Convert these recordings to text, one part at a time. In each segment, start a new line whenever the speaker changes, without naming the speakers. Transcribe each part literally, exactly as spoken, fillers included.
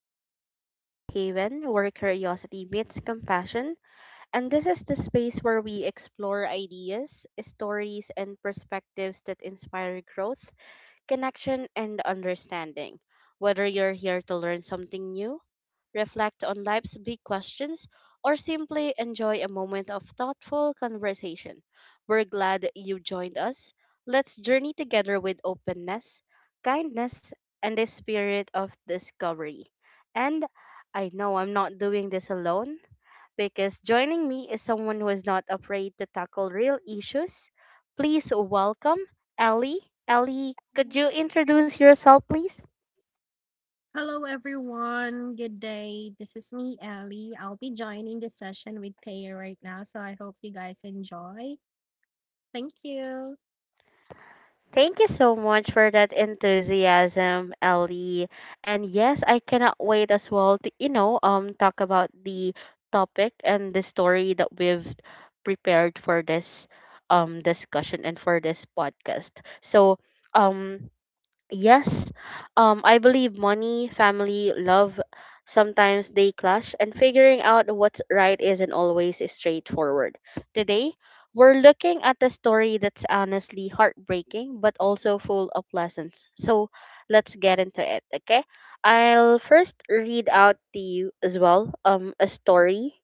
Welcome to Safe Haven, where curiosity meets compassion. And this is the space where we explore ideas, stories, and perspectives that inspire growth, connection, and understanding. Whether you're here to learn something new, reflect on life's big questions, or simply enjoy a moment of thoughtful conversation. We're glad that you joined us. Let's journey together with openness, kindness, and the spirit of discovery. And I know I'm not doing this alone because joining me is someone who is not afraid to tackle real issues. Please welcome Ellie. Ellie, could
Mhm.
you introduce yourself, please?
Hello, everyone. Good day. This is me, Ellie. I'll be joining the session with Thea right now, so I hope you guys enjoy. Thank you.
Thank you so much for that enthusiasm, Ellie. And yes, I cannot wait as well to, you know, um talk about the topic and the story that we've prepared for this um discussion and for this podcast. So, um Yes, um, I believe money, family, love, sometimes they clash, and figuring out what's right isn't always straightforward. Today, we're looking at a story that's honestly heartbreaking, but also full of lessons. So let's get into it, okay? I'll first read out to you as well, um, a story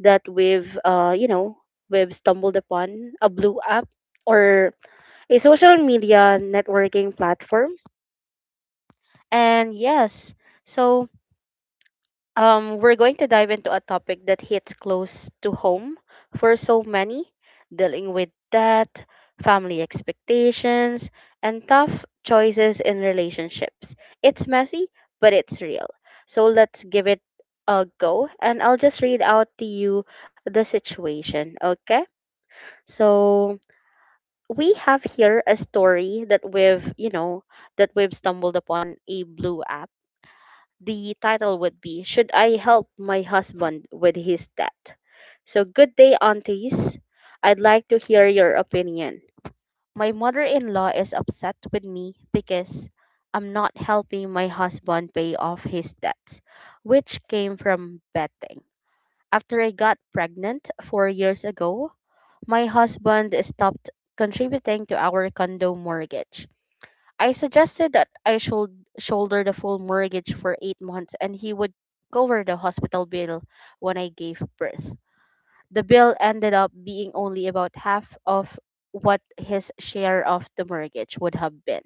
that we've, uh, you know, we've stumbled upon, a blue app or a social media networking platform. And yes, so um, we're going to dive into a topic that hits close to home for so many, dealing with debt, family expectations, and tough choices in relationships. It's messy, but it's real. So let's give it a go, and I'll just read out to you the situation, okay? So we have here a story that we've, you know, that we've stumbled upon a blue. The title would be, Should I Help My Husband with His Debt? So, good day, aunties. I'd like to hear your opinion. My mother in law is upset with me because I'm not helping my husband pay off his debts, which came from betting. After I got pregnant four years ago, my husband stopped contributing to our condo mortgage. I suggested that I should shoulder the full mortgage for eight months and he would cover the hospital bill when I gave birth. The bill ended up being only about half of what his share of the mortgage would have been.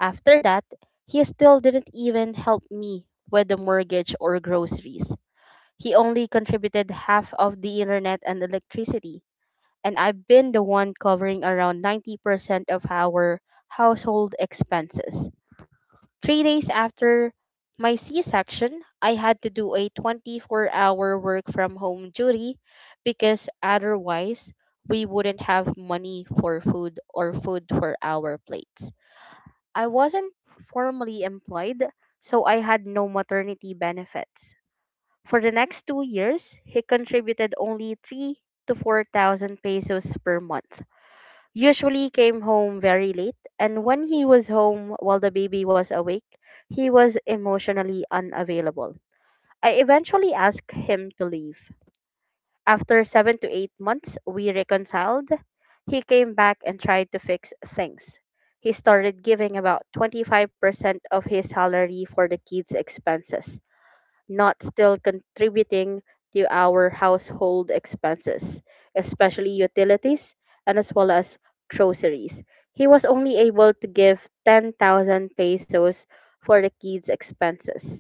After that, he still didn't even help me with the mortgage or groceries. He only contributed half of the internet and electricity, and I've been the one covering around ninety percent of our household expenses. Three days after my C section, I had to do a twenty-four hour work from home duty because otherwise we wouldn't have money for food or food for our plates. I wasn't formally employed, so I had no maternity benefits. For the next two years, he contributed only three to four thousand pesos per month, usually came home very late, and when he was home while the baby was awake, he was emotionally unavailable. I eventually asked him to leave. After seven to eight months, we reconciled. He came back and tried to fix things. He started giving about twenty-five percent of his salary for the kids' expenses, not still contributing to our household expenses, especially utilities and as well as groceries. He was only able to give ten thousand pesos for the kids' expenses.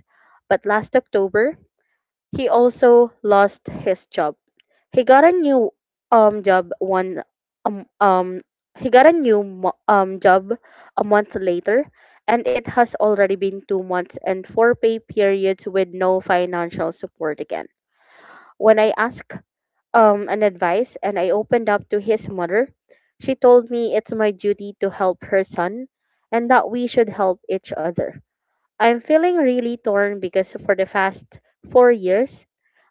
But last October, he also lost his job. He got a new um job one um um he got a new mo- um job a month later, and it has already been two months and four pay periods with no financial support again. When I asked um an advice and I opened up to his mother, she told me it's my duty to help her son and that we should help each other. I'm feeling really torn because for the past four years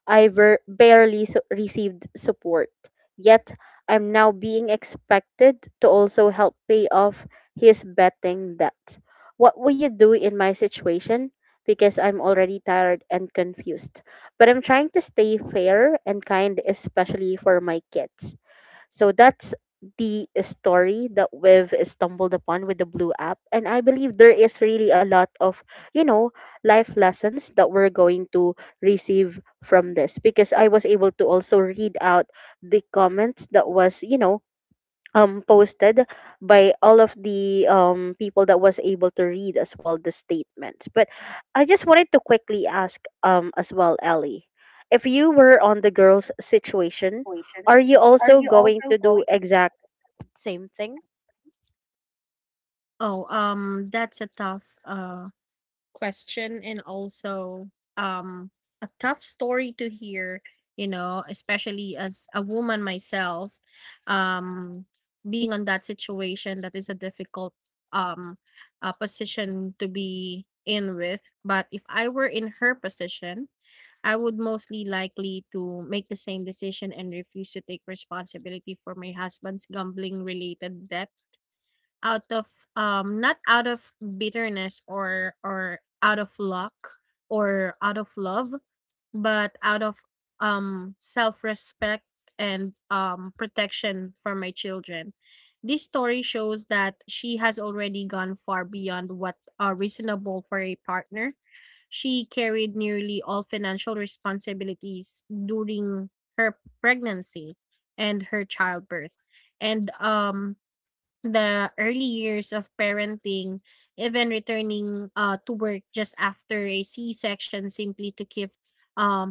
I ver- barely su- received support. Yet, I'm now being expected to also help pay off his betting debt. What would you do in my situation? Because I'm already tired and confused. But I'm trying to stay fair and kind, especially for my kids. So that's the story that we've stumbled upon with the Blue app. And I believe there is really a lot of, you know, life lessons that we're going to receive from this, because I was able to also read out the comments that was, you know, um posted by all of the um people that was able to read as well the statements. But I just wanted to quickly ask um as well, Ellie, if you were on the girl's situation,
Situation.
are you
Are
also
you
going
also
to do
going?
exact same thing?
Oh, um, that's a tough uh question, and also um a tough story to hear, you know, especially as a woman myself. um Being on that situation, that is a difficult um uh, position to be in with. But if I were in her position, I would mostly likely to make the same decision and refuse to take responsibility for my husband's gambling related debt out of, um not out of bitterness or or out of luck or out of love, but out of um self-respect and um protection for my children. This story shows that she has already gone far beyond what are reasonable for a partner. She carried nearly all financial responsibilities during her pregnancy and her childbirth, and um the early years of parenting, even returning uh, to work just after a C-section simply to keep um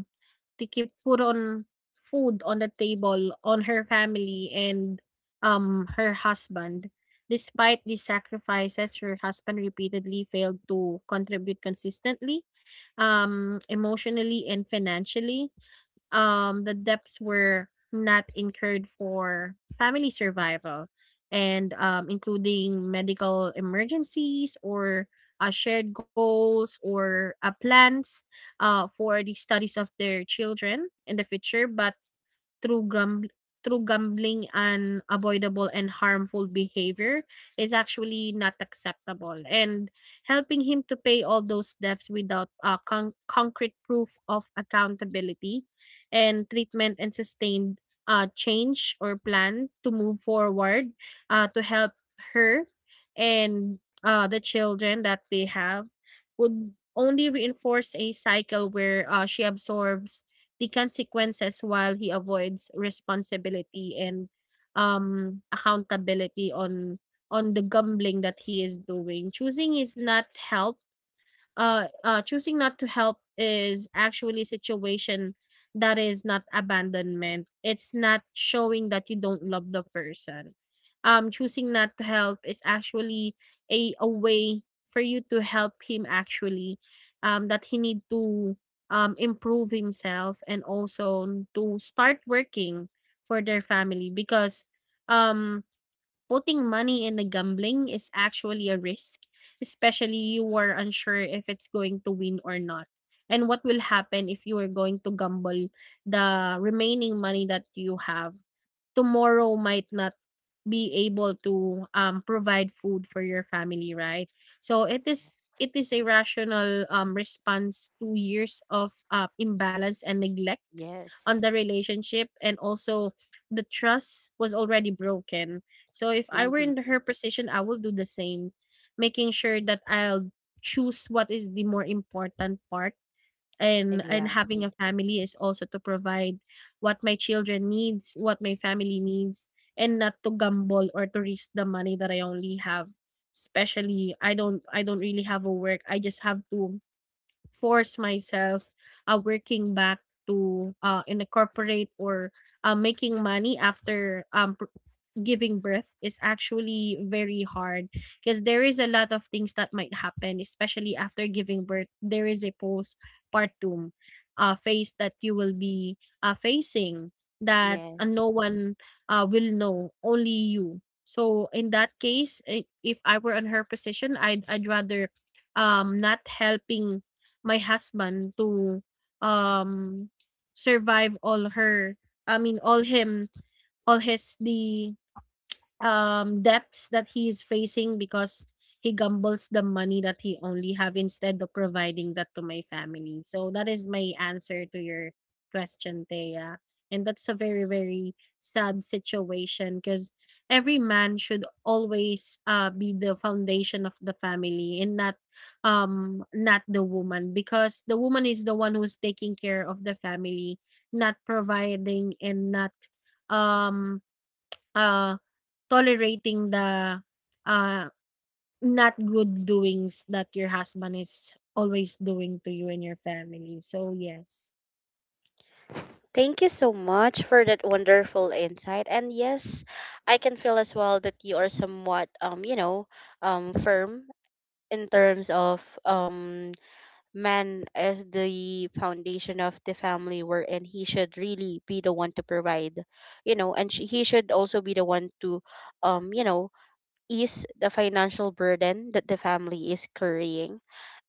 to keep put on food on the table on her family and um her husband. Despite these sacrifices, her husband repeatedly failed to contribute consistently, um, emotionally and financially. Um, the debts were not incurred for family survival and, um, including medical emergencies or, uh, shared goals or, uh, plans, uh, for the studies of their children in the future. But through grum through gambling and avoidable and harmful behavior is actually not acceptable. And helping him to pay all those debts without, uh, con- concrete proof of accountability and treatment and sustained, uh, change or plan to move forward, uh, to help her and, uh, the children that they have, would only reinforce a cycle where, uh, she absorbs the consequences while he avoids responsibility and um accountability on on the gambling that he is doing. Choosing is not help uh, uh, choosing not to help is actually a situation that is not abandonment. It's not showing that you don't love the person. Um, choosing not to help is actually a, a way for you to help him actually, um, that he need to, um, improve himself and also to start working for their family. Because, um putting money in the gambling is actually a risk, especially you are unsure if it's going to win or not. And what will happen if you are going to gamble the remaining money that you have? Tomorrow might not be able to, um, provide food for your family, right? So it is
Yes,
it is a rational, um, response to years of, uh, imbalance and neglect on
yes,
the relationship. And also the trust was already broken, so if I were
indeed,
in her position, I will do the same, making sure that I'll choose what is the more important part. And and having a
exactly.
family is also to provide what my children needs, what my family needs, and not to gamble or to risk the money that I only have. Especially, I don't I don't really have a work. I just have to force myself, uh, working back to, uh in a corporate or, uh, making money after um pr- giving birth is actually very hard, because there is a lot of things that might happen, especially after giving birth. There is a postpartum, uh, phase that you will be, uh, facing that, uh,
Yes.
no one, uh, will know, only you. So in that case, i- if I were in her position, I'd I'd rather, um not helping my husband to, um survive all her I mean all him all his the um, debts that he is facing, because he gambles the money that he only have instead of providing that to my family. So that is my answer to your question, Thea. And that's a very, very sad situation, because every man should always, uh, be the foundation of the family and not, um not the woman, because the woman is the one who's taking care of the family, not providing and not, um uh tolerating the, uh, not good doings that your husband is always doing to you and your family. So, yes.
Thank you so much for that wonderful insight. And yes, I can feel as well that you are somewhat, um, you know, um firm in terms of um man as the foundation of the family, wherein he should really be the one to provide, you know. And she, he should also be the one to um you know ease the financial burden that the family is carrying.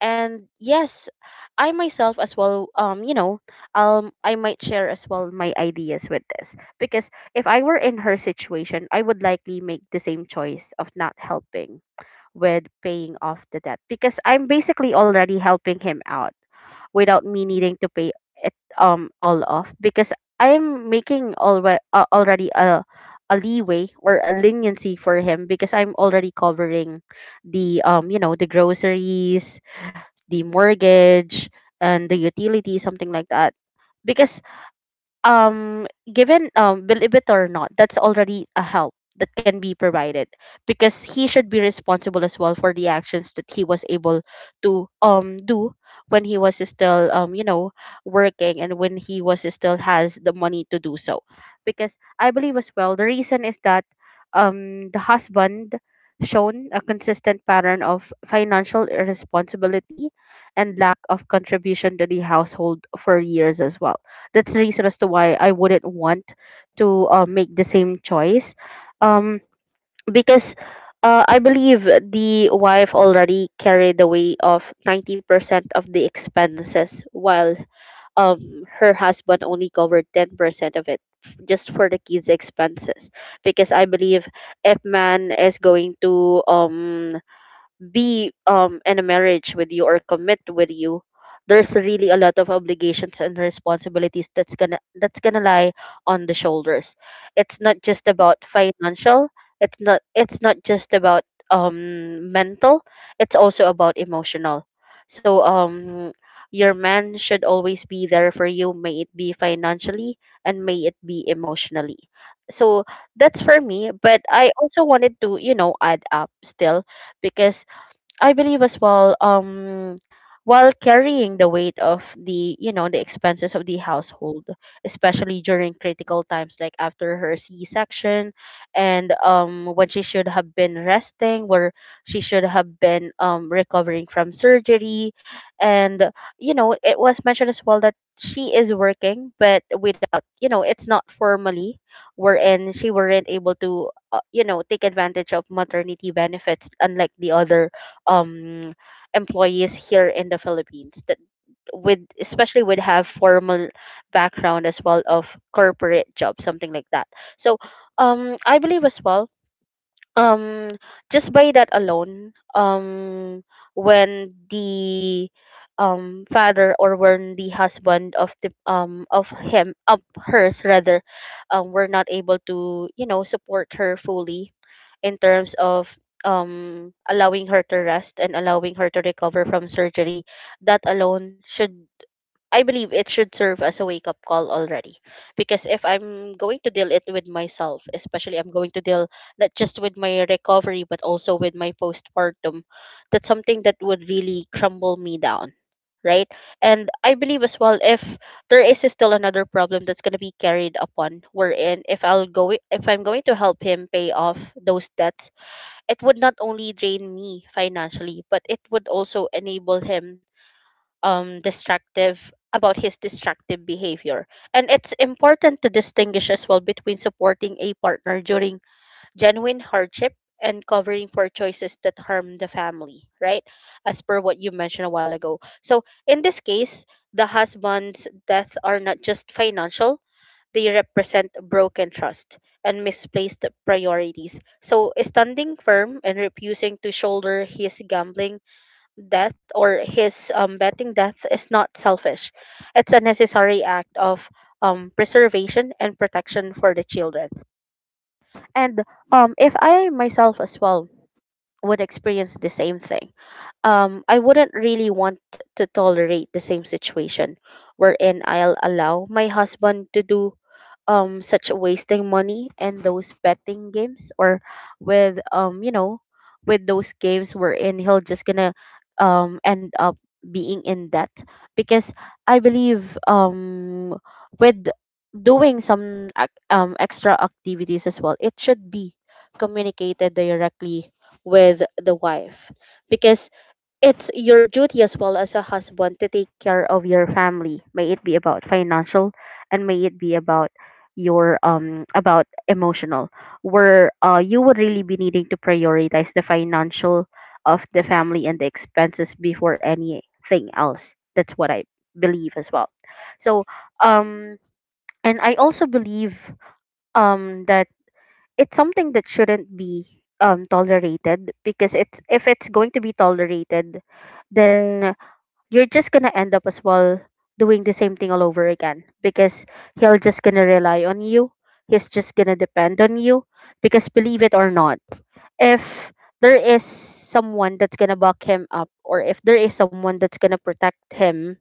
And yes, I myself as well, um you know um I might share as well my ideas with this, because if I were in her situation, I would likely make the same choice of not helping with paying off the debt, because I'm basically already helping him out without me needing to pay it um all off. Because I'm making already uh, already a a leeway or a leniency for him, because I'm already covering the, um you know the groceries, the mortgage, and the utility, something like that. Because um given um believe it or not, that's already a help that can be provided, because he should be responsible as well for the actions that he was able to um do when he was still, um you know working, and when he was still has the money to do so. Because I believe as well, the reason is that um the husband shown a consistent pattern of financial irresponsibility and lack of contribution to the household for years as well. That's the reason as to why I wouldn't want to, uh, make the same choice. Um, because uh, I believe the wife already carried the weight of ninety percent of the expenses, while um, her husband only covered ten percent of it just for the kids expenses. Because I believe if man is going to um be um in a marriage with you or commit with you, there's really a lot of obligations and responsibilities that's gonna that's gonna lie on the shoulders. It's not just about financial, it's not, it's not just about um mental, it's also about emotional. So um your man should always be there for you, may it be financially and may it be emotionally. So that's for me. But I also wanted to, you know, add up still, because I believe as well, um, while carrying the weight of the, you know, the expenses of the household, especially during critical times like after her C-section and, um, when she should have been resting, where she should have been, um, recovering from surgery. And, you know, it was mentioned as well that she is working, but without, you know, it's not formally, wherein she weren't able to, uh, you know, take advantage of maternity benefits unlike the other um employees here in the Philippines that with especially would have formal background as well of corporate job, something like that. So um I believe as well, um just by that alone, um when the um father, or when the husband of the um of him of hers rather, um were not able to, you know, support her fully in terms of um allowing her to rest and allowing her to recover from surgery, that alone should, I believe it should serve as a wake up call already. Because if I'm going to deal it with myself, especially I'm going to deal not just with my recovery but also with my postpartum, that's something that would really crumble me down, right? And I believe as well, if there is still another problem that's going to be carried upon, wherein if i'll go if I'm going to help him pay off those debts, it would not only drain me financially, but it would also enable him, um destructive about his destructive behavior. And it's important to distinguish as well between supporting a partner during genuine hardship and covering for choices that harm the family, right? As per what you mentioned a while ago. So in this case, the husband's death are not just financial, they represent broken trust and misplaced priorities. So, standing firm and refusing to shoulder his gambling debt or his, um, betting debt is not selfish. It's a necessary act of, um, preservation and protection for the children. And um, if I myself as well would experience the same thing, um, I wouldn't really want t- to tolerate the same situation wherein I'll allow my husband to do um such wasting money and those betting games, or with um you know with those games wherein he'll just gonna um end up being in debt, because I believe, um with doing some ac- um extra activities as well, it should be communicated directly with the wife, because it's your duty as well as a husband to take care of your family. May it be about financial, and may it be about your um about emotional, where uh you would really be needing to prioritize the financial of the family and the expenses before anything else. That's what I believe as well. So um and I also believe um that it's something that shouldn't be um tolerated, because it's if it's going to be tolerated, then you're just gonna end up as well doing the same thing all over again, because he'll just gonna rely on you. He's just gonna depend on you, because believe it or not, if there is someone that's gonna back him up, or if there is someone that's gonna protect him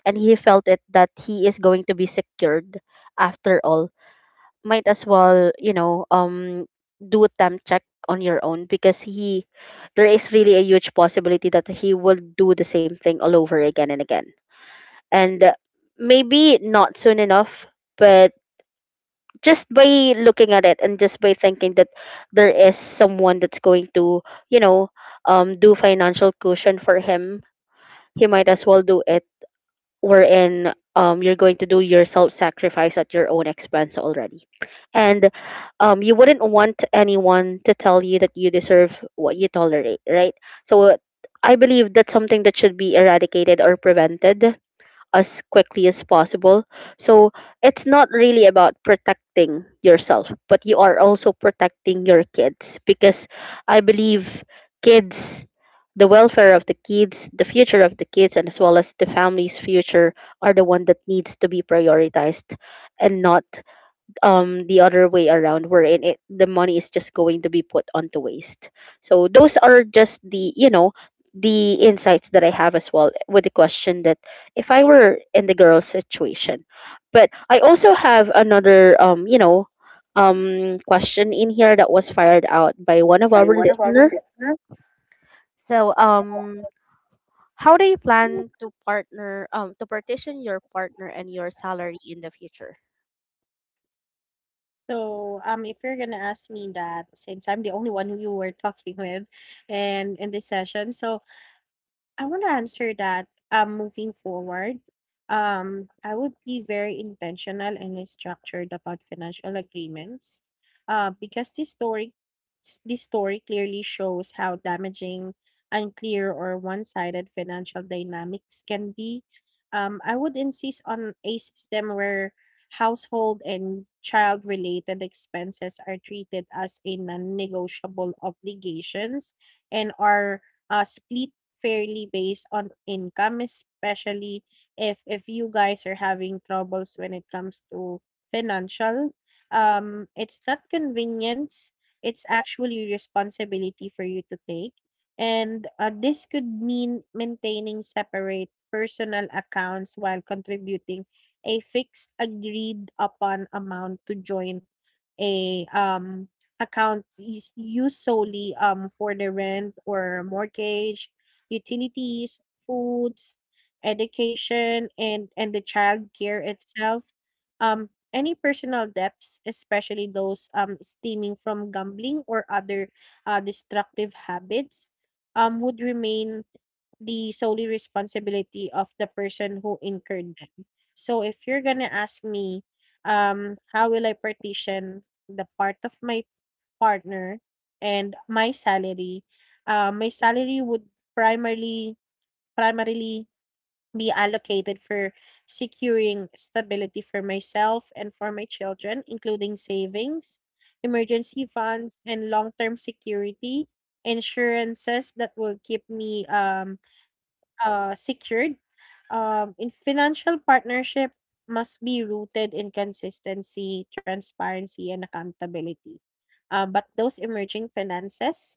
and he felt it that he is going to be secured after all, might as well, you know, um do a temp check on your own, because he there is really a huge possibility that he will do the same thing all over again and again, and maybe not soon enough, but just by looking at it and just by thinking that there is someone that's going to, you know um do financial cushion for him, he might as well do it, wherein um you're going to do your self sacrifice at your own expense already. And um you wouldn't want anyone to tell you that you deserve what you tolerate, right? So I believe that's something that should be eradicated or prevented as quickly as possible. So it's not really about protecting yourself, but you are also protecting your kids, because I believe kids, the welfare of the kids, the future of the kids, and as well as the family's future are the one that needs to be prioritized, and not um the other way around, wherein it the money is just going to be put onto waste. So those are just the, you know the insights that I have as well with the question that if I were in the girl's situation. But I also have another, um you know um question in here that was fired out by one of our
By one of our
listener.
listeners.
So um, how do you plan to partner um to partition your partner and your salary in the future?
So, um, if you're gonna ask me that, since I'm the only one who you were talking with, and in this session, so I want to answer that, um, moving forward, um, I would be very intentional and structured about financial agreements, uh, because this story s- this story clearly shows how damaging, unclear, or one-sided financial dynamics can be. Um, I would insist on a system where household and child-related expenses are treated as a non-negotiable obligations, and are, uh, split fairly based on income, especially if if you guys are having troubles when it comes to financial. Um, it's not convenience; it's actually responsibility for you to take. And, uh, this could mean maintaining separate personal accounts while contributing a fixed agreed upon amount to joint a um account is used solely, um, for the rent or mortgage, utilities, foods, education, and and the child care itself. Um, any personal debts, especially those, um stemming from gambling or other, uh, destructive habits, um, would remain the solely responsibility of the person who incurred them. So if you're gonna ask me, um, how will I partition the part of my partner and my salary? Uh, my salary would primarily primarily be allocated for securing stability for myself and for my children, including savings, emergency funds, and long-term security, insurances that will keep me, um uh, secured, um, in financial partnership must be rooted in consistency, transparency, and accountability. Uh, but those emerging finances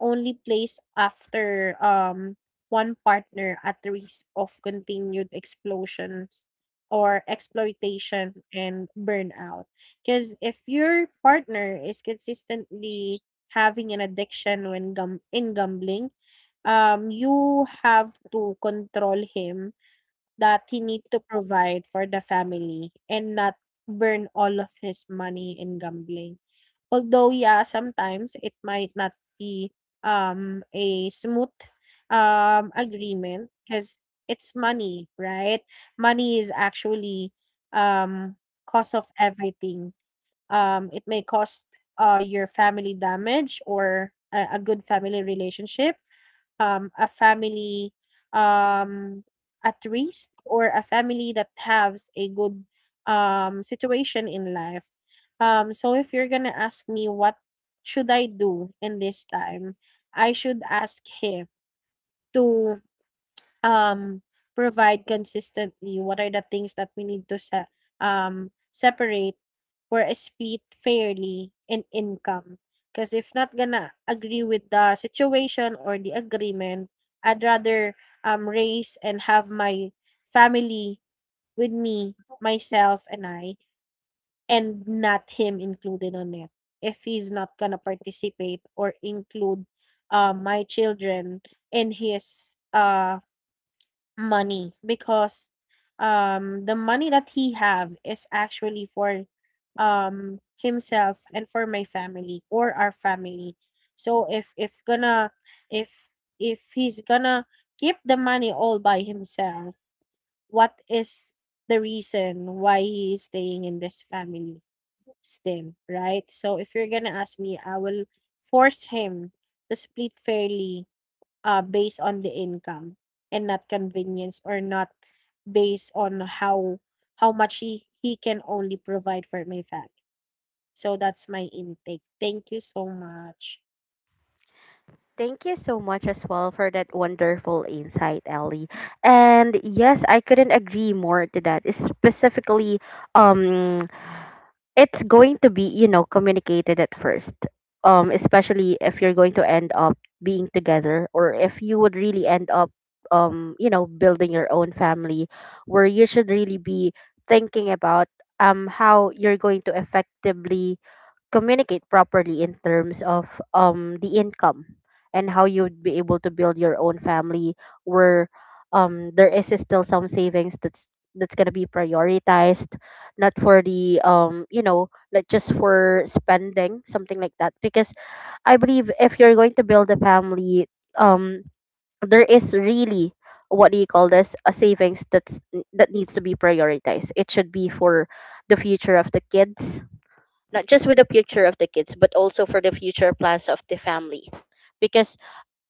only place after, um, one partner at risk of continued explosions or exploitation and burnout. Because if your partner is consistently having an addiction when gum- in gambling, um, you have to control him that he need to provide for the family and not burn all of his money in gambling. Although, yeah, sometimes it might not be, um, a smooth, um, agreement, because it's money, right? Money is actually, um, cause of everything. Um, it may cost, uh, your family damage or a, a good family relationship, um, a family, um, at risk or a family that has a good, um, situation in life. Um, so if you're gonna ask me what should I do in this time, I should ask him to, um, provide consistently. What are the things that we need to se- um, separate or split fairly in income? Because if not gonna agree with the situation or the agreement, I'd rather, um, raise and have my family with me, myself, and I, and not him included on it. If he's not gonna participate or include, uh, my children in his, uh, money, because, um, the money that he have is actually for, um, himself and for my family or our family. So if if gonna if if he's gonna keep the money all by himself, what is the reason why he is staying in this family still, right? So if you're gonna ask me, I will force him to split fairly, uh, based on the income and not convenience, or not based on how how much he, he can only provide for my family. So that's my intake. Thank you so much.
Thank you so much as well for that wonderful insight, Ellie. And yes, I couldn't agree more to that. Specifically, um, it's going to be, you know, communicated at first, um especially if you're going to end up being together, or if you would really end up, um you know, building your own family, where you should really be thinking about um how you're going to effectively communicate properly in terms of um the income, and how you'd be able to build your own family, where um there is still some savings that's that's gonna be prioritized, not for the, um you know, not just for spending something like that. Because I believe if you're going to build a family, um, there is really, what do you call this, a savings that's that needs to be prioritized. It should be for the future of the kids, not just with the future of the kids, but also for the future plans of the family. Because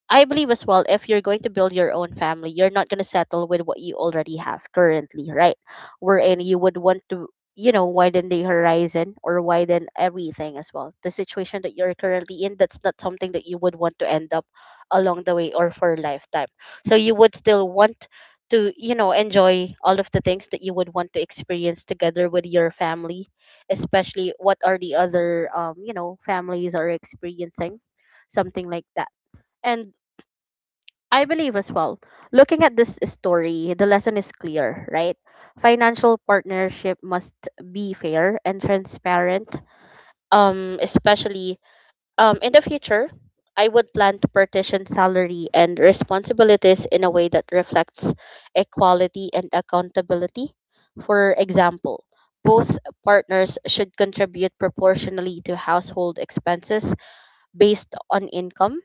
I believe as well, if you're going to build your own family, you're not going to settle with what you already have currently, right? Wherein you would want to, you know, widen the horizon or widen everything as well. The situation that you're currently in, that's not something that you would want to end up along the way or for a lifetime. So you would still want to, you know, enjoy all of the things that you would want to experience together with your family, especially what are the other, um, you know, families are experiencing, something like that. And I believe as well, looking at this story, the lesson is clear, right? Financial partnership must be fair and transparent. Um, especially um, in the future, I would plan to partition salary and responsibilities in a way that reflects equality and accountability. For example, both partners should contribute proportionally to household expenses based on income.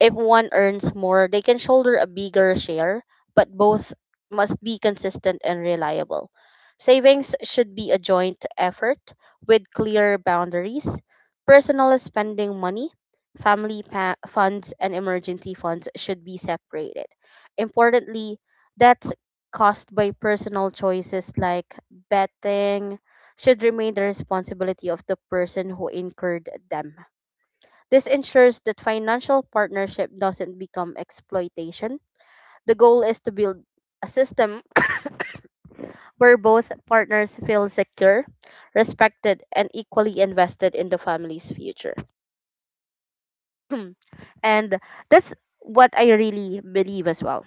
If one earns more, they can shoulder a bigger share, but both must be consistent and reliable. Savings should be a joint effort with clear boundaries. Personal spending money, family pa- funds, and emergency funds should be separated. Importantly, debts caused by personal choices like betting should remain the responsibility of the person who incurred them. This ensures that financial partnership doesn't become exploitation. The goal is to build a system where both partners feel secure, respected, and equally invested in the family's future. And that's what I really believe as well,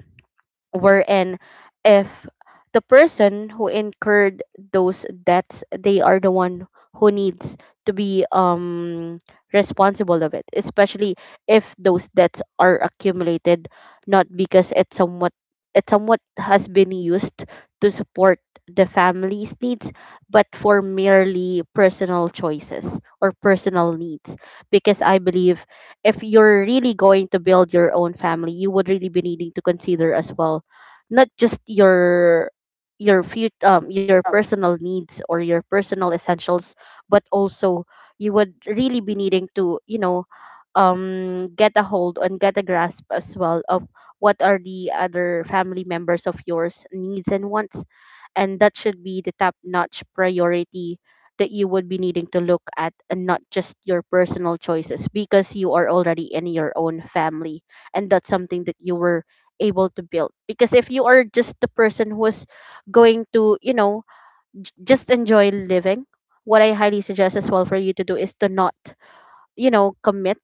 wherein if the person who incurred those debts, they are the one who needs to be um responsible of it, especially if those debts are accumulated not because it somewhat it somewhat has been used to support the family's needs, but for merely personal choices or personal needs. Because I believe if you're really going to build your own family, you would really be needing to consider as well not just your your fut um your personal needs or your personal essentials, but also you would really be needing to, you know, um get a hold and get a grasp as well of what are the other family members of yours needs and wants. And that should be the top notch priority that you would be needing to look at, and not just your personal choices, because you are already in your own family, and that's something that you were able to build. Because if you are just the person who's going to, you know, j- just enjoy living, what I highly suggest as well for you to do is to not, you know, commit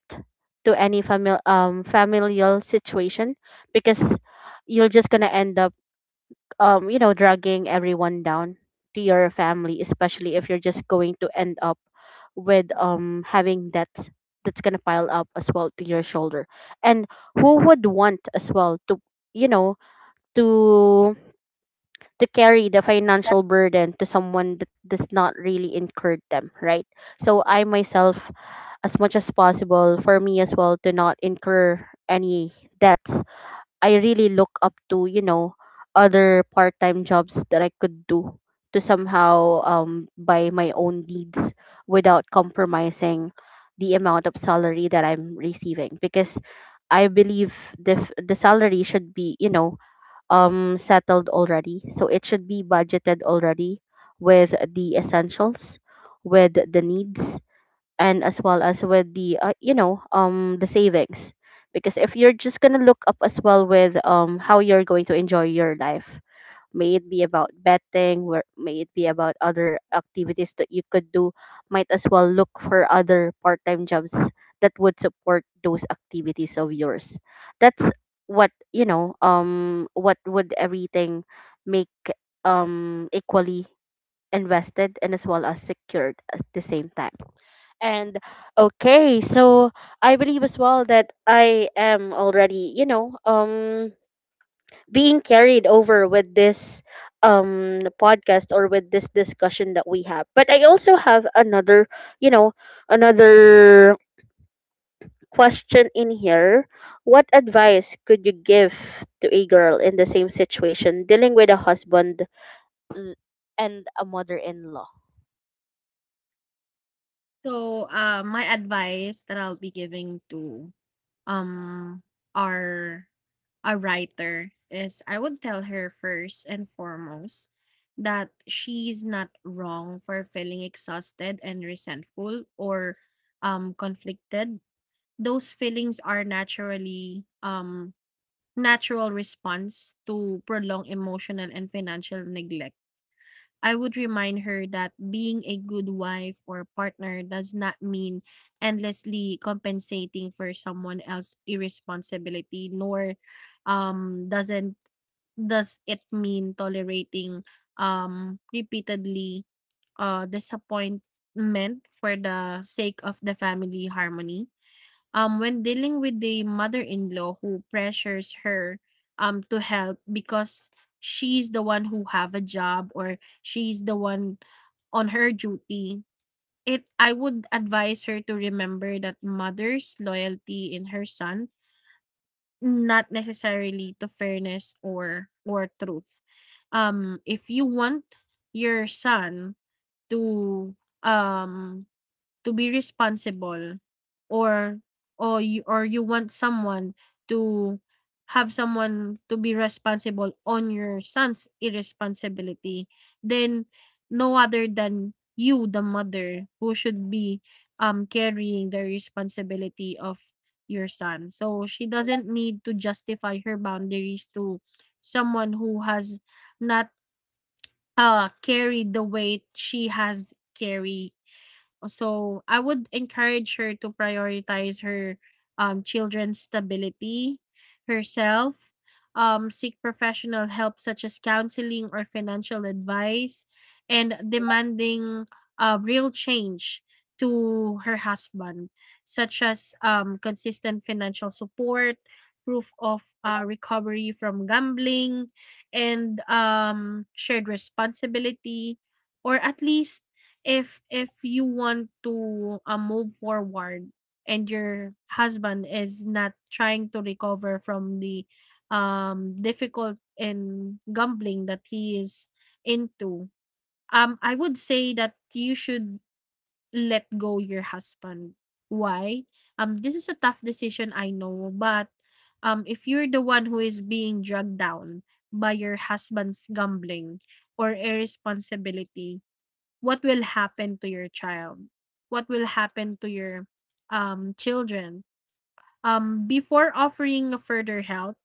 to any family, um familial situation, because you're just gonna end up, um, you know, dragging everyone down to your family, especially if you're just going to end up with um having debts that's gonna pile up as well to your shoulder. And who would want as well to, you know, to to carry the financial burden to someone that does not really incur them, right? So I myself, as much as possible, for me as well to not incur any debts, I really look up to, you know, other part-time jobs that I could do to somehow um buy my own needs without compromising the amount of salary that I'm receiving. Because I believe the f- the salary should be, you know, um, settled already. So it should be budgeted already with the essentials, with the needs, and as well as with the, uh, you know, um the savings. Because if you're just going to look up as well with, um how you're going to enjoy your life, may it be about betting, where may it be about other activities that you could do, might as well look for other part-time jobs that would support those activities of yours. That's what you know um what would everything make um equally invested and as well as secured at the same time. And okay, so I believe as well that I am already, you know, um being carried over with this um podcast or with this discussion that we have. But I also have another, you know, another question in here. What advice could you give to a girl in the same situation dealing with a husband l- and a mother-in-law?
So, uh, my advice that I'll be giving to, um our, a writer is I would tell her first and foremost that she's not wrong for feeling exhausted and resentful, or, um conflicted. Those feelings are naturally, um natural response to prolonged emotional and financial neglect. I would remind her that being a good wife or partner does not mean endlessly compensating for someone else's irresponsibility, nor um doesn't does it mean tolerating um repeatedly uh disappointment for the sake of the family harmony. Um, when dealing with the mother-in-law who pressures her um, to help because she's the one who have a job or she's the one on her duty, it I would advise her to remember that mother's loyalty in her son, not necessarily to fairness or or truth. Um if you want your son to um to be responsible, or or you, or you want someone to have someone to be responsible on your son's irresponsibility, then no other than you, the mother, who should be um carrying the responsibility of your son. So she doesn't need to justify her boundaries to someone who has not uh carried the weight she has carried. So I would encourage her to prioritize her um, children's stability, herself, um, seek professional help such as counseling or financial advice, and demanding uh, real change to her husband, such as um, consistent financial support, proof of uh, recovery from gambling, and um, shared responsibility, or at least, if if you want to uh, move forward and your husband is not trying to recover from the um difficult and gambling that he is into, um i would say that you should let go your husband. Why? Um this is a tough decision, I know, but um if you're the one who is being dragged down by your husband's gambling or irresponsibility, what will happen to your child? What will happen to your um, children? Um, before offering further help,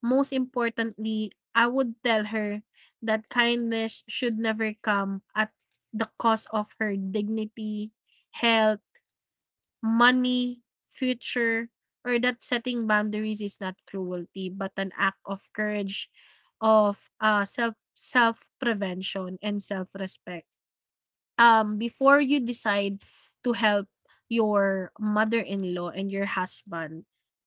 most importantly, I would tell her that kindness should never come at the cost of her dignity, health, money, future, or that setting boundaries is not cruelty but an act of courage, of uh, self self prevention and self respect. Um before you decide to help your mother-in-law and your husband,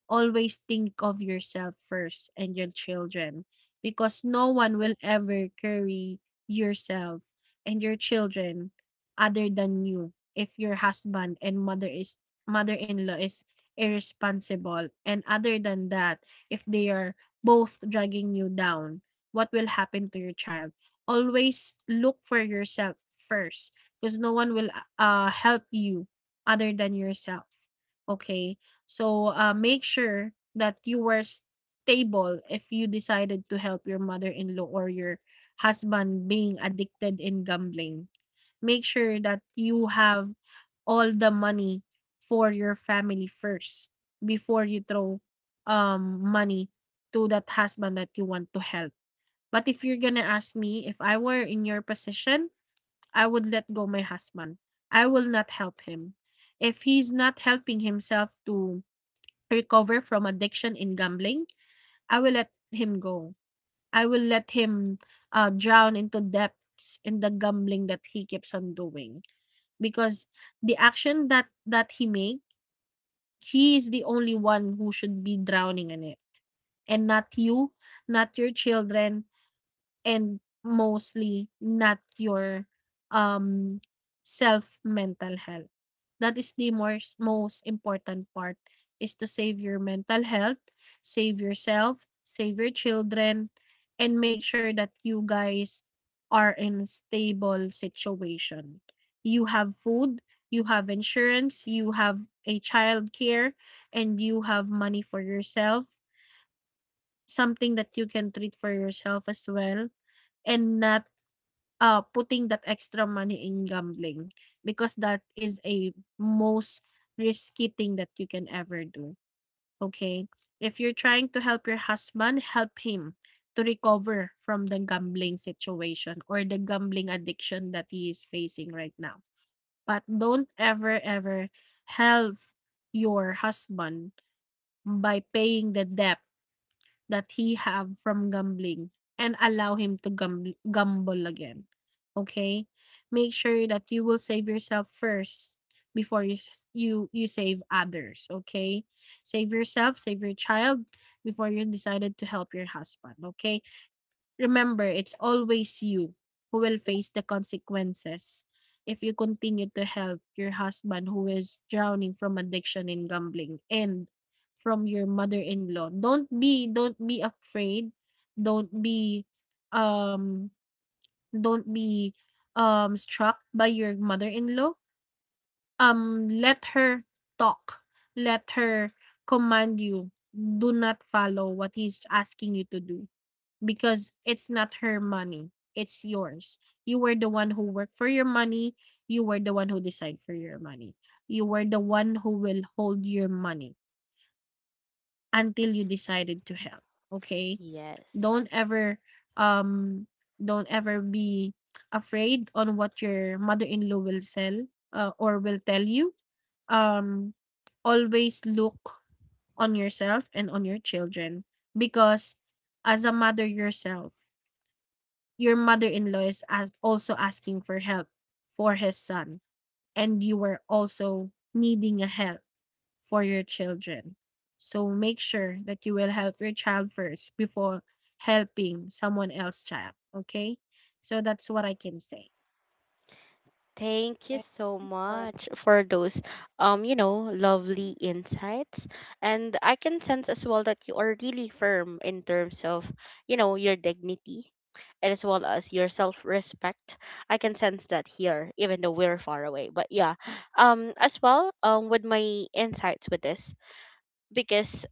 always think of yourself first and your children, because no one will ever carry yourself and your children other than you. If your husband and mother is mother-in-law is irresponsible, and other than that, if they are both dragging you down, what will happen to your child? Always look for yourself first, because no one will uh help you other than yourself. Okay? So uh make sure that you were stable if you decided to help your mother-in-law or your husband being addicted in gambling. Make sure that you have all the money for your family first before you throw um money to that husband that you want to help. But if you're gonna ask me, if I were in your position, I would let go my husband. I will not help him. If he's not helping himself to recover from addiction in gambling, I will let him go. I will let him uh, drown into depths in the gambling that he keeps on doing, because the action that that he make, he is the only one who should be drowning in it, and not you, not your children, and mostly not your um self mental health. That is the most most important part, is to save your mental health. Save yourself, save your children, and make sure that you guys are in stable situation. You have food, you have insurance, you have a child care, and you have money for yourself, something that you can treat for yourself as well, and not uh, putting that extra money in gambling, because that is a most risky thing that you can ever do. Okay? If you're trying to help your husband, help him to recover from the gambling situation or the gambling addiction that he is facing right now. But don't ever, ever help your husband by paying the debt that he have from gambling and allow him to gamble gamble again. Okay? Make sure that you will save yourself first before you s- you you save others, okay? Save yourself, save your child before you decided to help your husband, okay? Remember, it's always you who will face the consequences if you continue to help your husband who is drowning from addiction and gambling and from your mother-in-law. Don't be don't be afraid. Don't be um don't be um struck by your mother-in-law. Um let her talk. Let her command you. Do not follow what he's asking you to do, because it's not her money. It's yours. You were the one who worked for your money. You were the one who decide for your money. You were the one who will hold your money until you decided to help. Okay? Don't
Yes.
ever um don't ever be afraid on what your mother-in-law will sell uh, or will tell you. Um Always look on yourself and on your children, because as a mother yourself, your mother-in-law is as also asking for help for his son, and you were also needing a help for your children. So make sure that you will help your child first before helping someone else's child. Okay? So that's what I can say.
Thank you so much for those um you know lovely insights. And I can sense as well that you are really firm in terms of, you know, your dignity and as well as your self-respect. I can sense that here even though we're far away. But yeah, um as well, um with my insights with this, because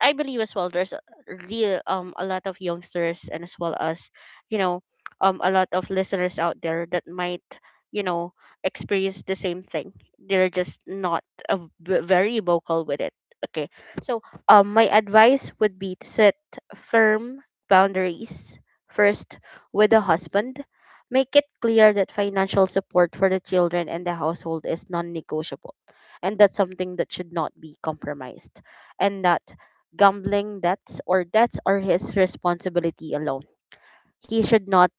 I believe as well there's a real, um a lot of youngsters and as well as, you know, um a lot of listeners out there that might, you know, experience the same thing. They're just not, uh, v- very vocal with it. Okay, so um my advice would be to set firm boundaries first with the husband. Make it clear that financial support for the children and the household is non-negotiable, and that's something that should not be compromised, and that gambling debts or debts are his responsibility alone. He should not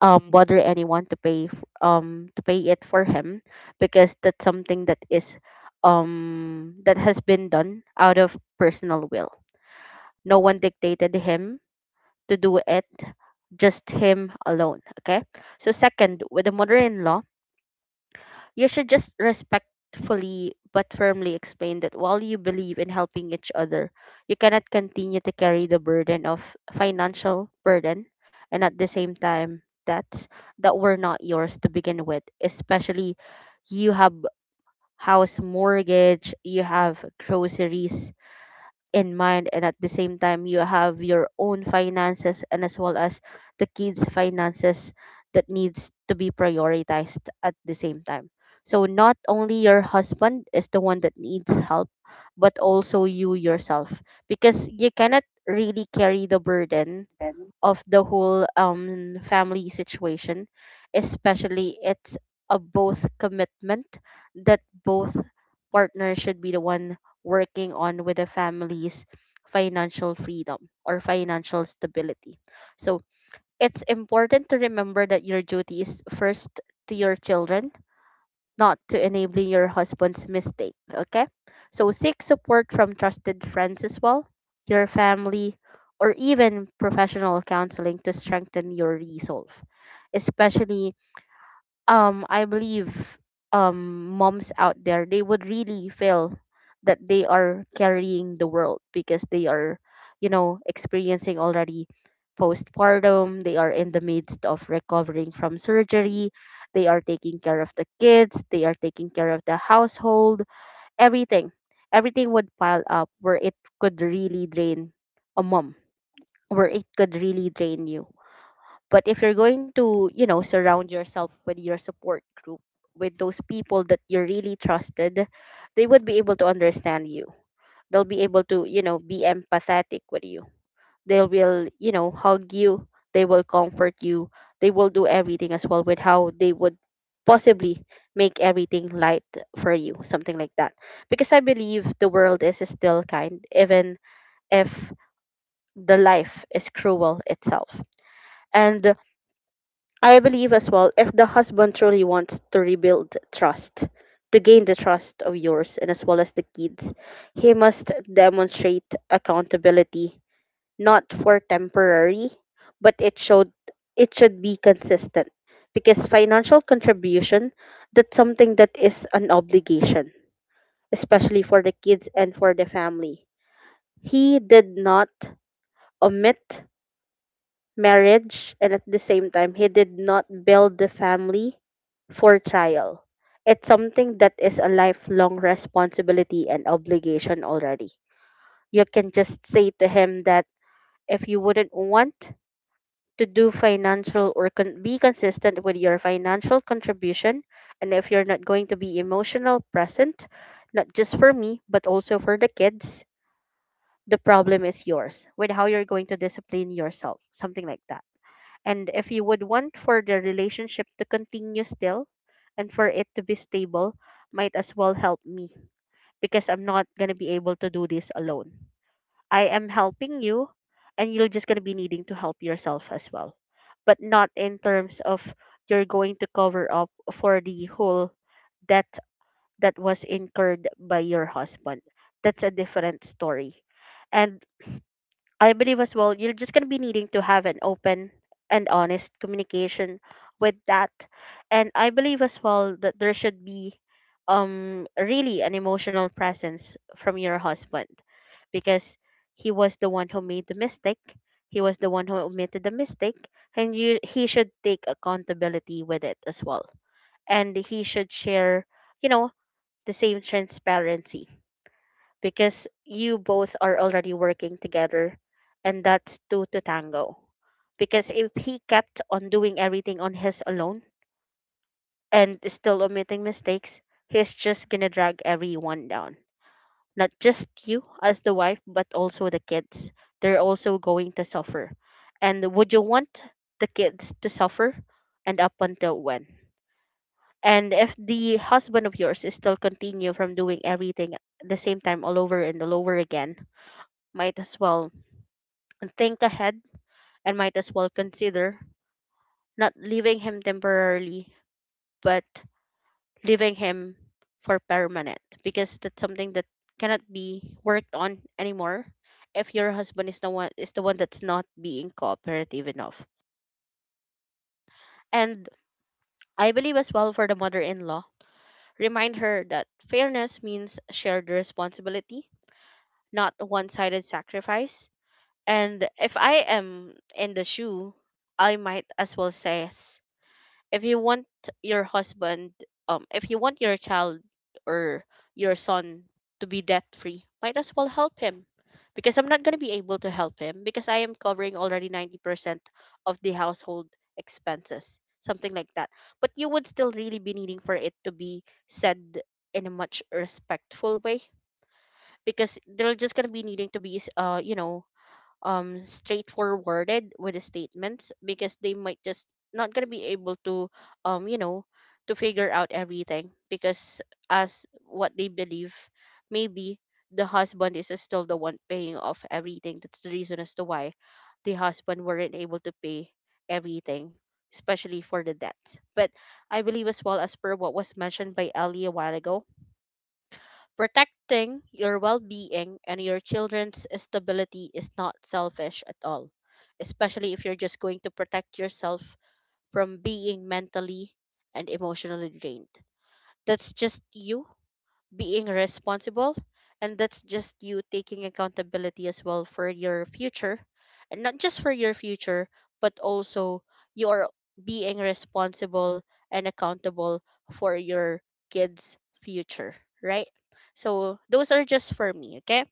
um bother anyone to pay f- um to pay it for him, because that's something that is um that has been done out of personal will. No one dictated him to do it, just him alone, okay? So second, with the mother-in-law, you should just respectfully but firmly explain that while you believe in helping each other, you cannot continue to carry the burden of financial burden and at the same time debts that were not yours to begin with, especially you have house mortgage, you have groceries, in mind, and at the same time you have your own finances and as well as the kids finances that needs to be prioritized at the same time. So not only your husband is the one that needs help, but also you yourself, because you cannot really carry the burden of the whole um family situation, especially it's a both commitment that both partners should be the one working on with the family's financial freedom or financial stability. So it's important to remember that your duty is first to your children, not to enabling your husband's mistake. Okay? So seek support from trusted friends as well, your family, or even professional counseling to strengthen your resolve, especially um I believe um moms out there, they would really feel that they are carrying the world because they are, you know, experiencing already postpartum, they are in the midst of recovering from surgery, they are taking care of the kids, they are taking care of the household, everything everything would pile up where it could really drain a mom, where it could really drain you. But if you're going to, you know, surround yourself with your support group, with those people that you really trusted, they would be able to understand you. They'll be able to, you know, be empathetic with you. They will, you know, hug you. They will comfort you. They will do everything as well with how they would possibly make everything light for you, something like that. Because I believe the world is still kind, even if the life is cruel itself. And I believe as well, if the husband truly wants to rebuild trust, to gain the trust of yours and as well as the kids, he must demonstrate accountability, not for temporary, but it should it should be consistent. Because financial contribution, that's something that is an obligation, especially for the kids and for the family. He did not omit marriage, and at the same time, he did not build the family for trial. It's something that is a lifelong responsibility and obligation already. You can just say to him that if you wouldn't want to do financial or con- be consistent with your financial contribution, and if you're not going to be emotional present, not just for me, but also for the kids, the problem is yours with how you're going to discipline yourself, something like that. And if you would want for the relationship to continue still and for it to be stable, might as well help me, because I'm not going to be able to do this alone. I am helping you and you're just going to be needing to help yourself as well. But not in terms of you're going to cover up for the whole debt that was incurred by your husband. That's a different story. And I believe as well, you're just going to be needing to have an open and honest communication with that. And I believe as well that there should be um really an emotional presence from your husband, because he was the one who made the mistake. He was the one who omitted the mistake, and you he should take accountability with it as well. And he should share, you know, the same transparency, because you both are already working together, and that's two to tango. Because if he kept on doing everything on his alone and still omitting mistakes, he's just gonna drag everyone down, not just you as the wife but also the kids, they're also going to suffer. And would you want the kids to suffer? And up until when? And if the husband of yours is still continue from doing everything at the same time all over and all over again, might as well think ahead and might as well consider not leaving him temporarily, but leaving him for permanent, because that's something that cannot be worked on anymore if your husband is the one is the one that's not being cooperative enough. And I believe as well, for the mother-in-law, remind her that fairness means shared responsibility, not one-sided sacrifice. And if I am in the shoe, I might as well say yes. If you want your husband, um if you want your child or your son to be debt free, might as well help him, because I'm not going to be able to help him because I am covering already ninety percent of the household expenses, something like that. But you would still really be needing for it to be said in a much respectful way, because they're just going to be needing to be uh you know, um straightforwarded with the statements, because they might just not gonna be able to, um you know, to figure out everything, because as what they believe, maybe the husband is still the one paying off everything. That's the reason as to why the husband weren't able to pay everything, especially for the debts. But I believe as well, as per what was mentioned by Ellie a while ago, protecting your well being and your children's stability is not selfish at all, especially if you're just going to protect yourself from being mentally and emotionally drained. That's just you being responsible, and that's just you taking accountability as well for your future, and not just for your future but also you're being responsible and accountable for your kids future, right? So those are just for me, okay.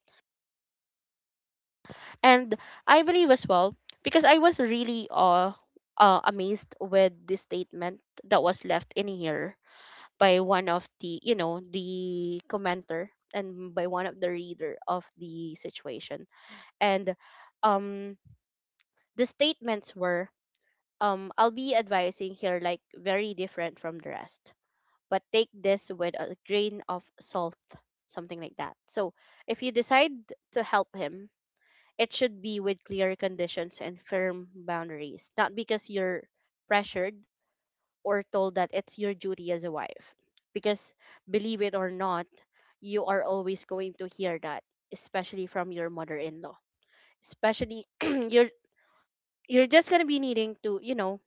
And I believe as well, because I was really uh, uh amazed with the statement that was left in here by one of the, you know, the commenter, and by one of the reader of the situation. And um the statements were, um I'll be advising here like very different from the rest, but take this with a grain of salt, something like that. So if you decide to help him, it should be with clear conditions and firm boundaries, not because you're pressured or told that it's your duty as a wife. Because, believe it or not, you are always going to hear that, especially from your mother in law. Especially you're you're just gonna be needing to, you know,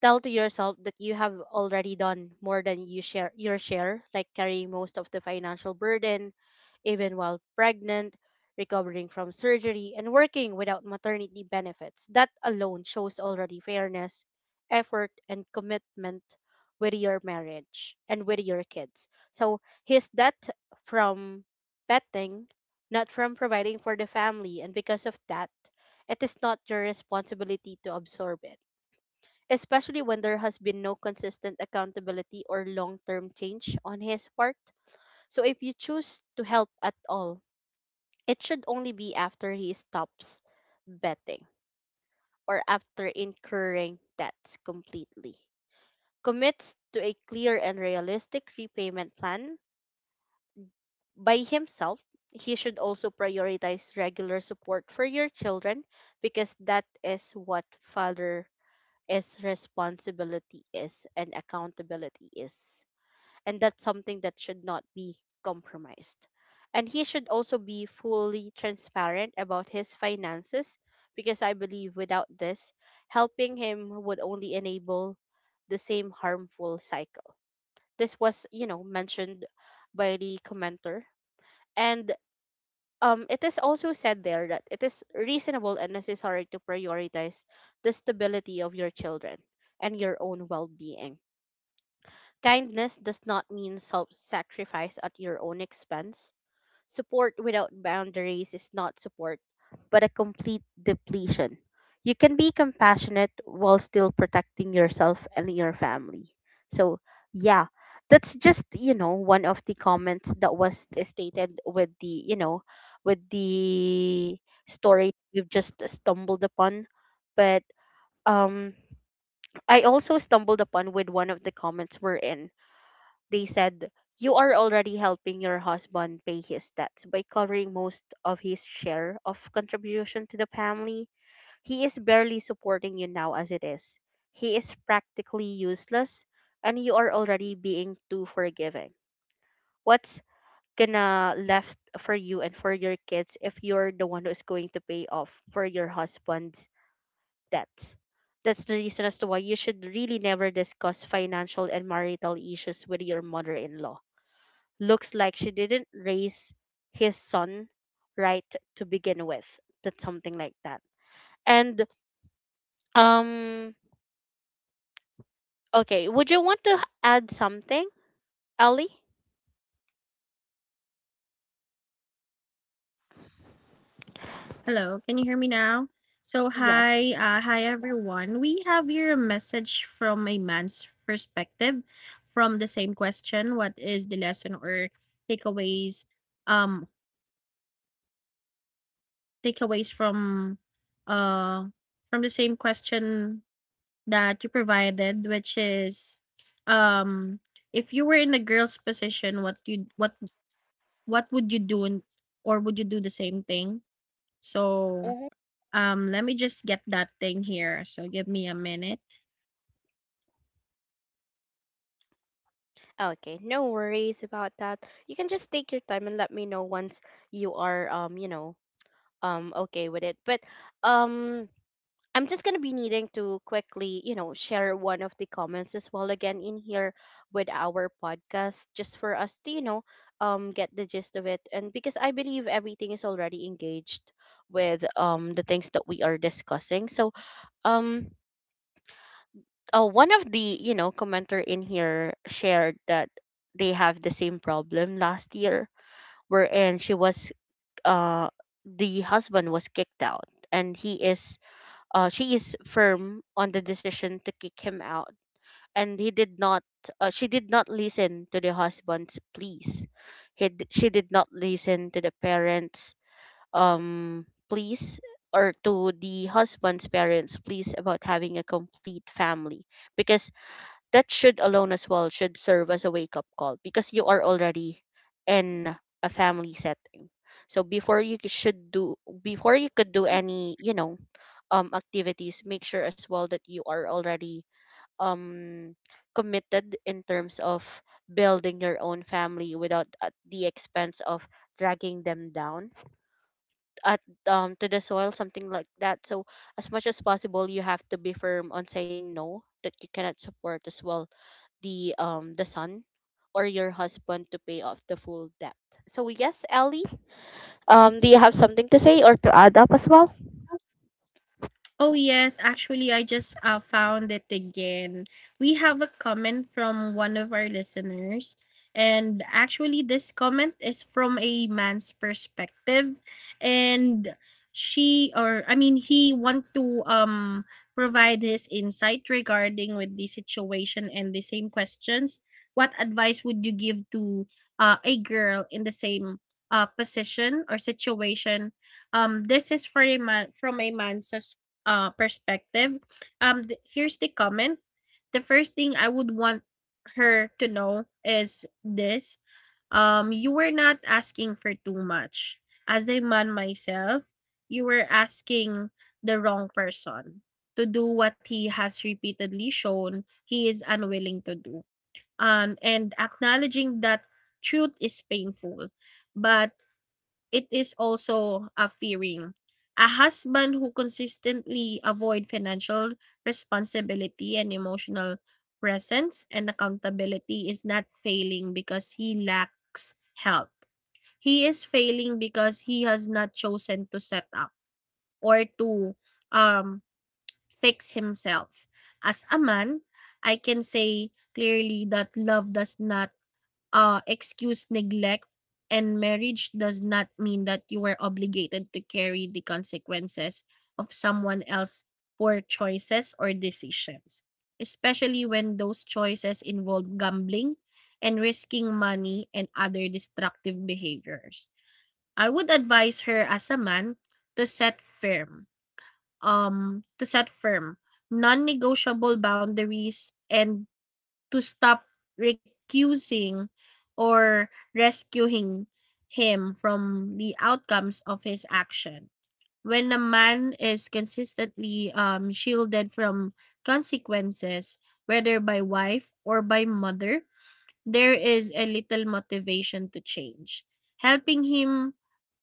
tell to yourself that you have already done more than you share your share, like carrying most of the financial burden, even while pregnant, recovering from surgery, and working without maternity benefits. That alone shows already fairness, effort, and commitment with your marriage and with your kids. So his debt from betting, not from providing for the family, and because of that, it is not your responsibility to absorb it, especially when there has been no consistent accountability or long term change on his part. So, if you choose to help at all, it should only be after he stops betting or after incurring debts completely. Commits to a clear and realistic repayment plan by himself. He should also prioritize regular support for your children, because that is what father is responsibility is and accountability is, and that's something that should not be compromised. And he should also be fully transparent about his finances, because I believe without this, helping him would only enable the same harmful cycle. This was, you know, mentioned by the commenter. And um, it is also said there that it is reasonable and necessary to prioritize the stability of your children and your own well being. Kindness does not mean self sacrifice at your own expense. Support without boundaries is not support, but a complete depletion. You can be compassionate while still protecting yourself and your family. So, yeah, that's just, you know, one of the comments that was stated with the, you know, with the story we've just stumbled upon. But um, I also stumbled upon with one of the comments we're in, they said, you are already helping your husband pay his debts by covering most of his share of contribution to the family. He is barely supporting you now as it is. He is practically useless, and you are already being too forgiving. What's gonna left for you and for your kids if you're the one who's going to pay off for your husband's debts? That's the reason as to why you should really never discuss financial and marital issues with your mother in law. Looks like she didn't raise his son right to begin with. That's something like that. And um okay, would you want to add something, Ellie?
Hello, can you hear me now? So
Yes.
hi, uh, hi everyone, we have here a message from a man's perspective from the same question. What is the lesson or takeaways, um takeaways from uh from the same question that you provided, which is, um if you were in a girl's position, what you what what would you do, and or would you do the same thing? So
Mhm.
um let me just get that thing here. So give me a minute.
Okay, no worries about that. You can just take your time and let me know once you are um, you know, um okay with it. But um I'm just going to be needing to quickly, you know, share one of the comments as well again in here with our podcast just for us to, you know, um get the gist of it, and because I believe everything is already engaged with um the things that we are discussing. So, um uh, one of the, you know, commenter in here shared that they have the same problem last year, wherein she was uh the husband was kicked out and he is uh, she is firm on the decision to kick him out, and he did not uh, she did not listen to the husband's pleas. He d- she did not listen to the parents um pleas, or to the husband's parents pleas about having a complete family, because that should alone as well should serve as a wake up call, because you are already in a family setting. So before you c- should do before you could do any, you know um activities, make sure as well that you are already um committed in terms of building your own family without at the expense of dragging them down at, um to the soil, something like that. So as much as possible you have to be firm on saying no, that you cannot support as well the um the son or your husband to pay off the full debt. So, yes, Ellie, um do you have something to say or to add up as well?
Oh yes, actually I just uh, found it again. We have a comment from one of our listeners, and actually this comment is from a man's perspective, and she or I mean he want to um provide his insight regarding with the situation and the same questions. What advice would you give to uh, a girl in the same uh, position or situation? Um this is for a man, from a man's uh, perspective. Um, th- here's the comment. The first thing I would want her to know is this: um, you were not asking for too much. As a man myself, you were asking the wrong person to do what he has repeatedly shown he is unwilling to do. Um, and acknowledging that truth is painful, but it is also a fearing. A husband who consistently avoid financial responsibility and emotional presence and accountability is not failing because he lacks help. He is failing because he has not chosen to set up or to um, fix himself. As a man, I can say clearly that love does not uh, excuse neglect, and marriage does not mean that you were obligated to carry the consequences of someone else's poor choices or decisions, especially when those choices involve gambling and risking money and other destructive behaviors. I would advise her, as a man, to set firm, um, to set firm non-negotiable boundaries, and to stop recusing or rescuing him from the outcomes of his action. When a man is consistently um, shielded from consequences, whether by wife or by mother, there is a little motivation to change. Helping him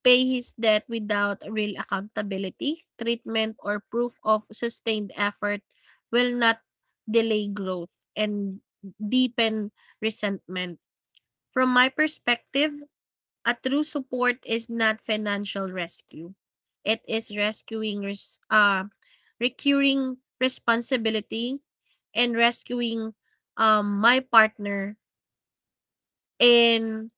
pay his debt without real accountability, treatment, or proof of sustained effort will not delay growth and deepen resentment. From my perspective, a true support is not financial rescue. It is rescuing res- uh, recurring responsibility and rescuing um, my partner in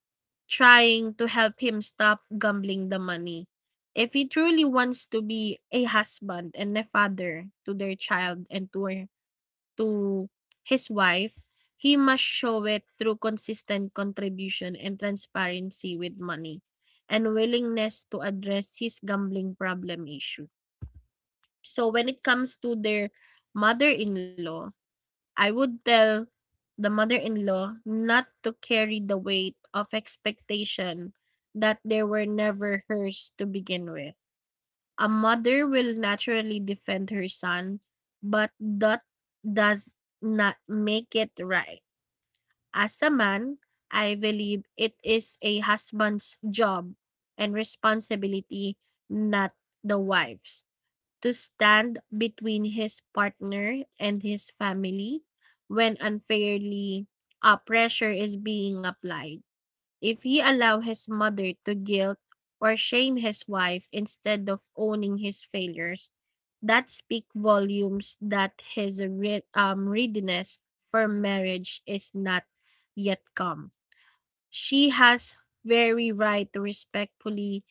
trying to help him stop gambling the money. If he truly wants to be a husband and a father to their child and to her, to his wife, he must show it through consistent contribution and transparency with money and willingness to address his gambling problem issue. So when it comes to their mother-in-law, I would tell the mother-in-law not to carry the weight of expectation that they were never hers to begin with. A mother will naturally defend her son, but that does not make it right. As a man, I believe it is a husband's job and responsibility, not the wife's, to stand between his partner and his family when unfairly uh, pressure is being applied. If he allow his mother to guilt or shame his wife instead of owning his failures, that speak volumes that his re- um, readiness for marriage is not yet come. She has very right to respectfully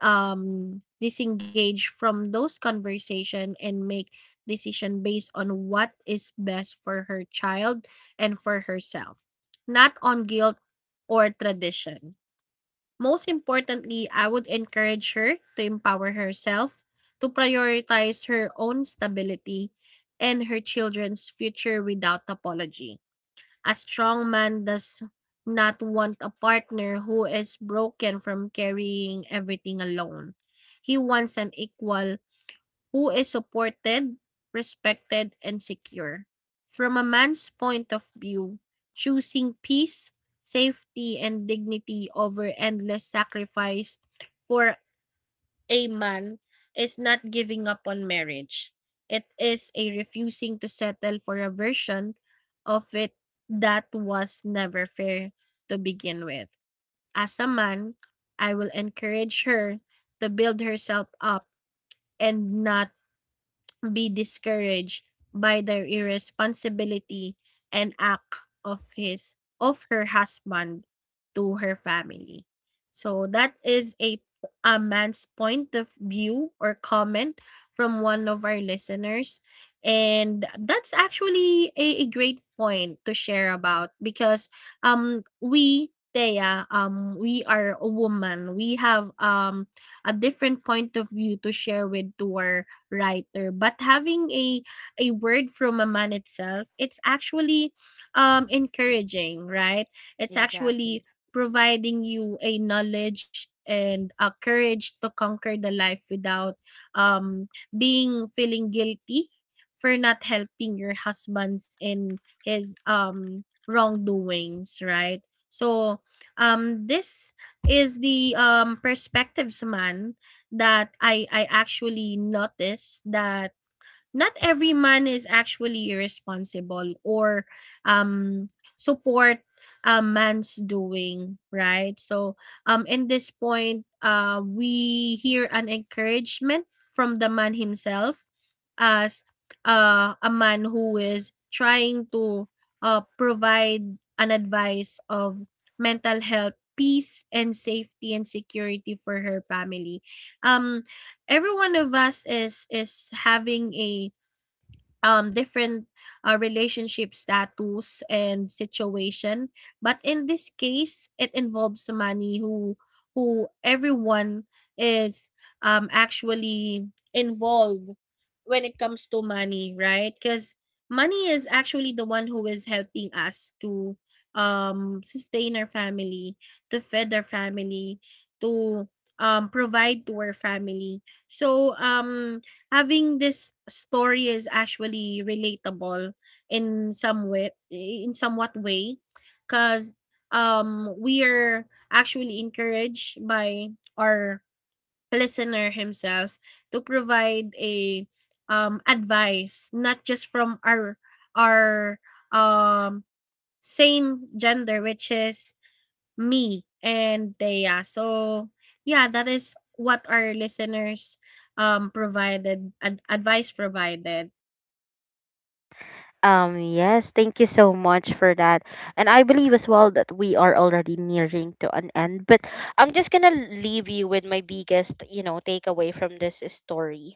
um disengage from those conversation and make decision based on what is best for her child and for herself, not on guilt or tradition. Most importantly, I would encourage her to empower herself, to prioritize her own stability and her children's future without apology. A strong man does not want a partner who is broken from carrying everything alone. He wants an equal who is supported, respected, and secure. From a man's point of view, choosing peace, safety, and dignity over endless sacrifice for a man is not giving up on marriage. It is a refusing to settle for a version of it that was never fair to begin with. As a man, I will encourage her to build herself up and not be discouraged by the irresponsibility and act of his of her husband to her family. So that is a a man's point of view or comment from one of our listeners, and that's actually a, a great point to share about because um we Thea, um we are a woman, we have um a different point of view to share with to our writer, but having a a word from a man itself, it's actually um encouraging, right? It's
Exactly.
actually providing you a knowledge and a courage to conquer the life without um being feeling guilty for not helping your husband's in his um wrongdoings, right? So um this is the um perspectives man that I I actually noticed, that not every man is actually responsible or um support a man's doing, right? So um in this point, uh we hear an encouragement from the man himself, as uh, a man who is trying to uh, provide an advice of mental health, peace and safety and security for her family. um every one of us is is having a um different uh, relationship status and situation, but in this case it involves somebody who who everyone is um actually involved when it comes to money, right? Because money is actually the one who is helping us to um sustain our family, to feed our family, to um provide to our family. So um having this story is actually relatable in some way, in somewhat way, because um we are actually encouraged by our listener himself to provide a um advice, not just from our our um same gender, which is Me and Thea. So, yeah, that is what our listeners, um, provided ad advice provided.
Um, yes, thank you so much for that. And I believe as well that we are already nearing to an end, but I'm just gonna leave you with my biggest, you know, takeaway from this story.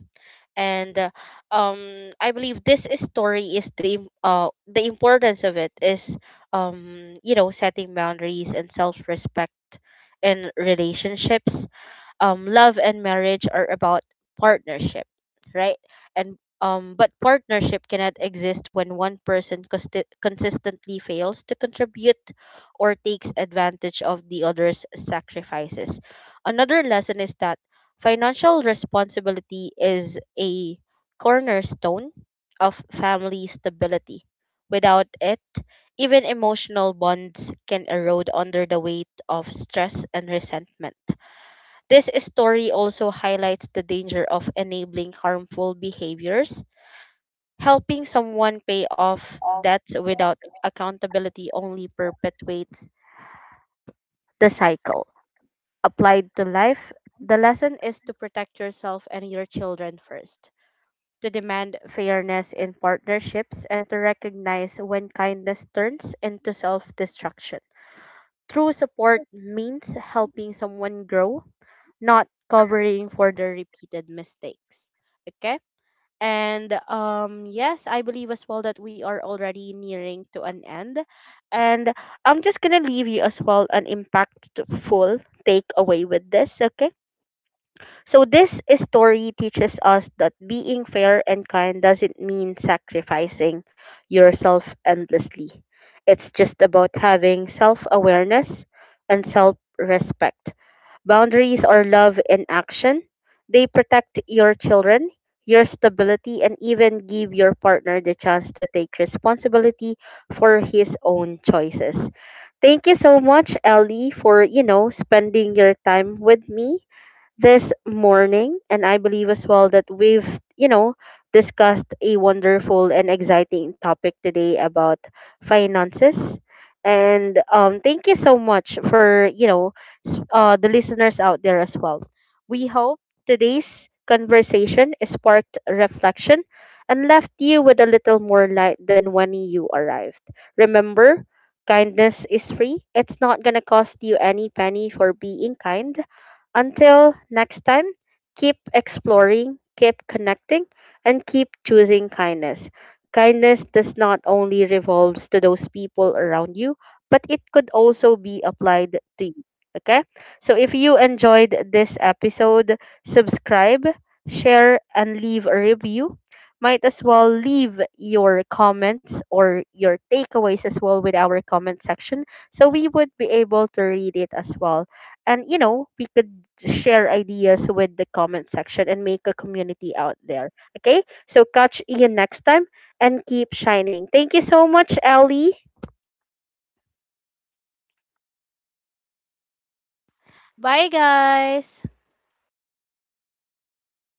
And uh, um I believe this is story is the im- uh the importance of it is, um you know setting boundaries and self-respect in relationships. Um, love and marriage are about partnership, right? And um, But partnership cannot exist when one person consti- consistently fails to contribute or takes advantage of the other's sacrifices. Another lesson is that financial responsibility is a cornerstone of family stability. Without it, even emotional bonds can erode under the weight of stress and resentment. This story also highlights the danger of enabling harmful behaviors. Helping someone pay off debts without accountability only perpetuates the cycle. Applied to life, the lesson is to protect yourself and your children first, to demand fairness in partnerships, and to recognize when kindness turns into self destruction. True support means helping someone grow, not covering for the repeated mistakes. Okay? And um yes, I believe as well that we are already nearing to an end. And I'm just going to leave you as well an impactful takeaway with this, okay? So this story teaches us that being fair and kind doesn't mean sacrificing yourself endlessly. It's just about having self-awareness and self-respect. Boundaries are love in action. They protect your children, your stability, and even give your partner the chance to take responsibility for his own choices. Thank you so much, Ellie, for, you know, spending your time with me this morning. And I believe as well that we've, you know, discussed a wonderful and exciting topic today about finances. And um, thank you so much for, you know, s- uh, the listeners out there as well. We hope today's conversation sparked reflection and left you with a little more light than when you arrived. Remember, kindness is free. It's not going to cost you any penny for being kind. Until next time, keep exploring, keep connecting, and keep choosing kindness. Kindness does not only revolves to those people around you, but it could also be applied to you. Okay? So if you enjoyed this episode, subscribe, share, and leave a review. Might as well leave your comments or your takeaways as well with our comment section, so we would be able to read it as well, and you know we could share ideas with the comment section and make a community out there. Okay, so catch ian next time, and keep shining. Thank you so much, Ellie. Bye, guys.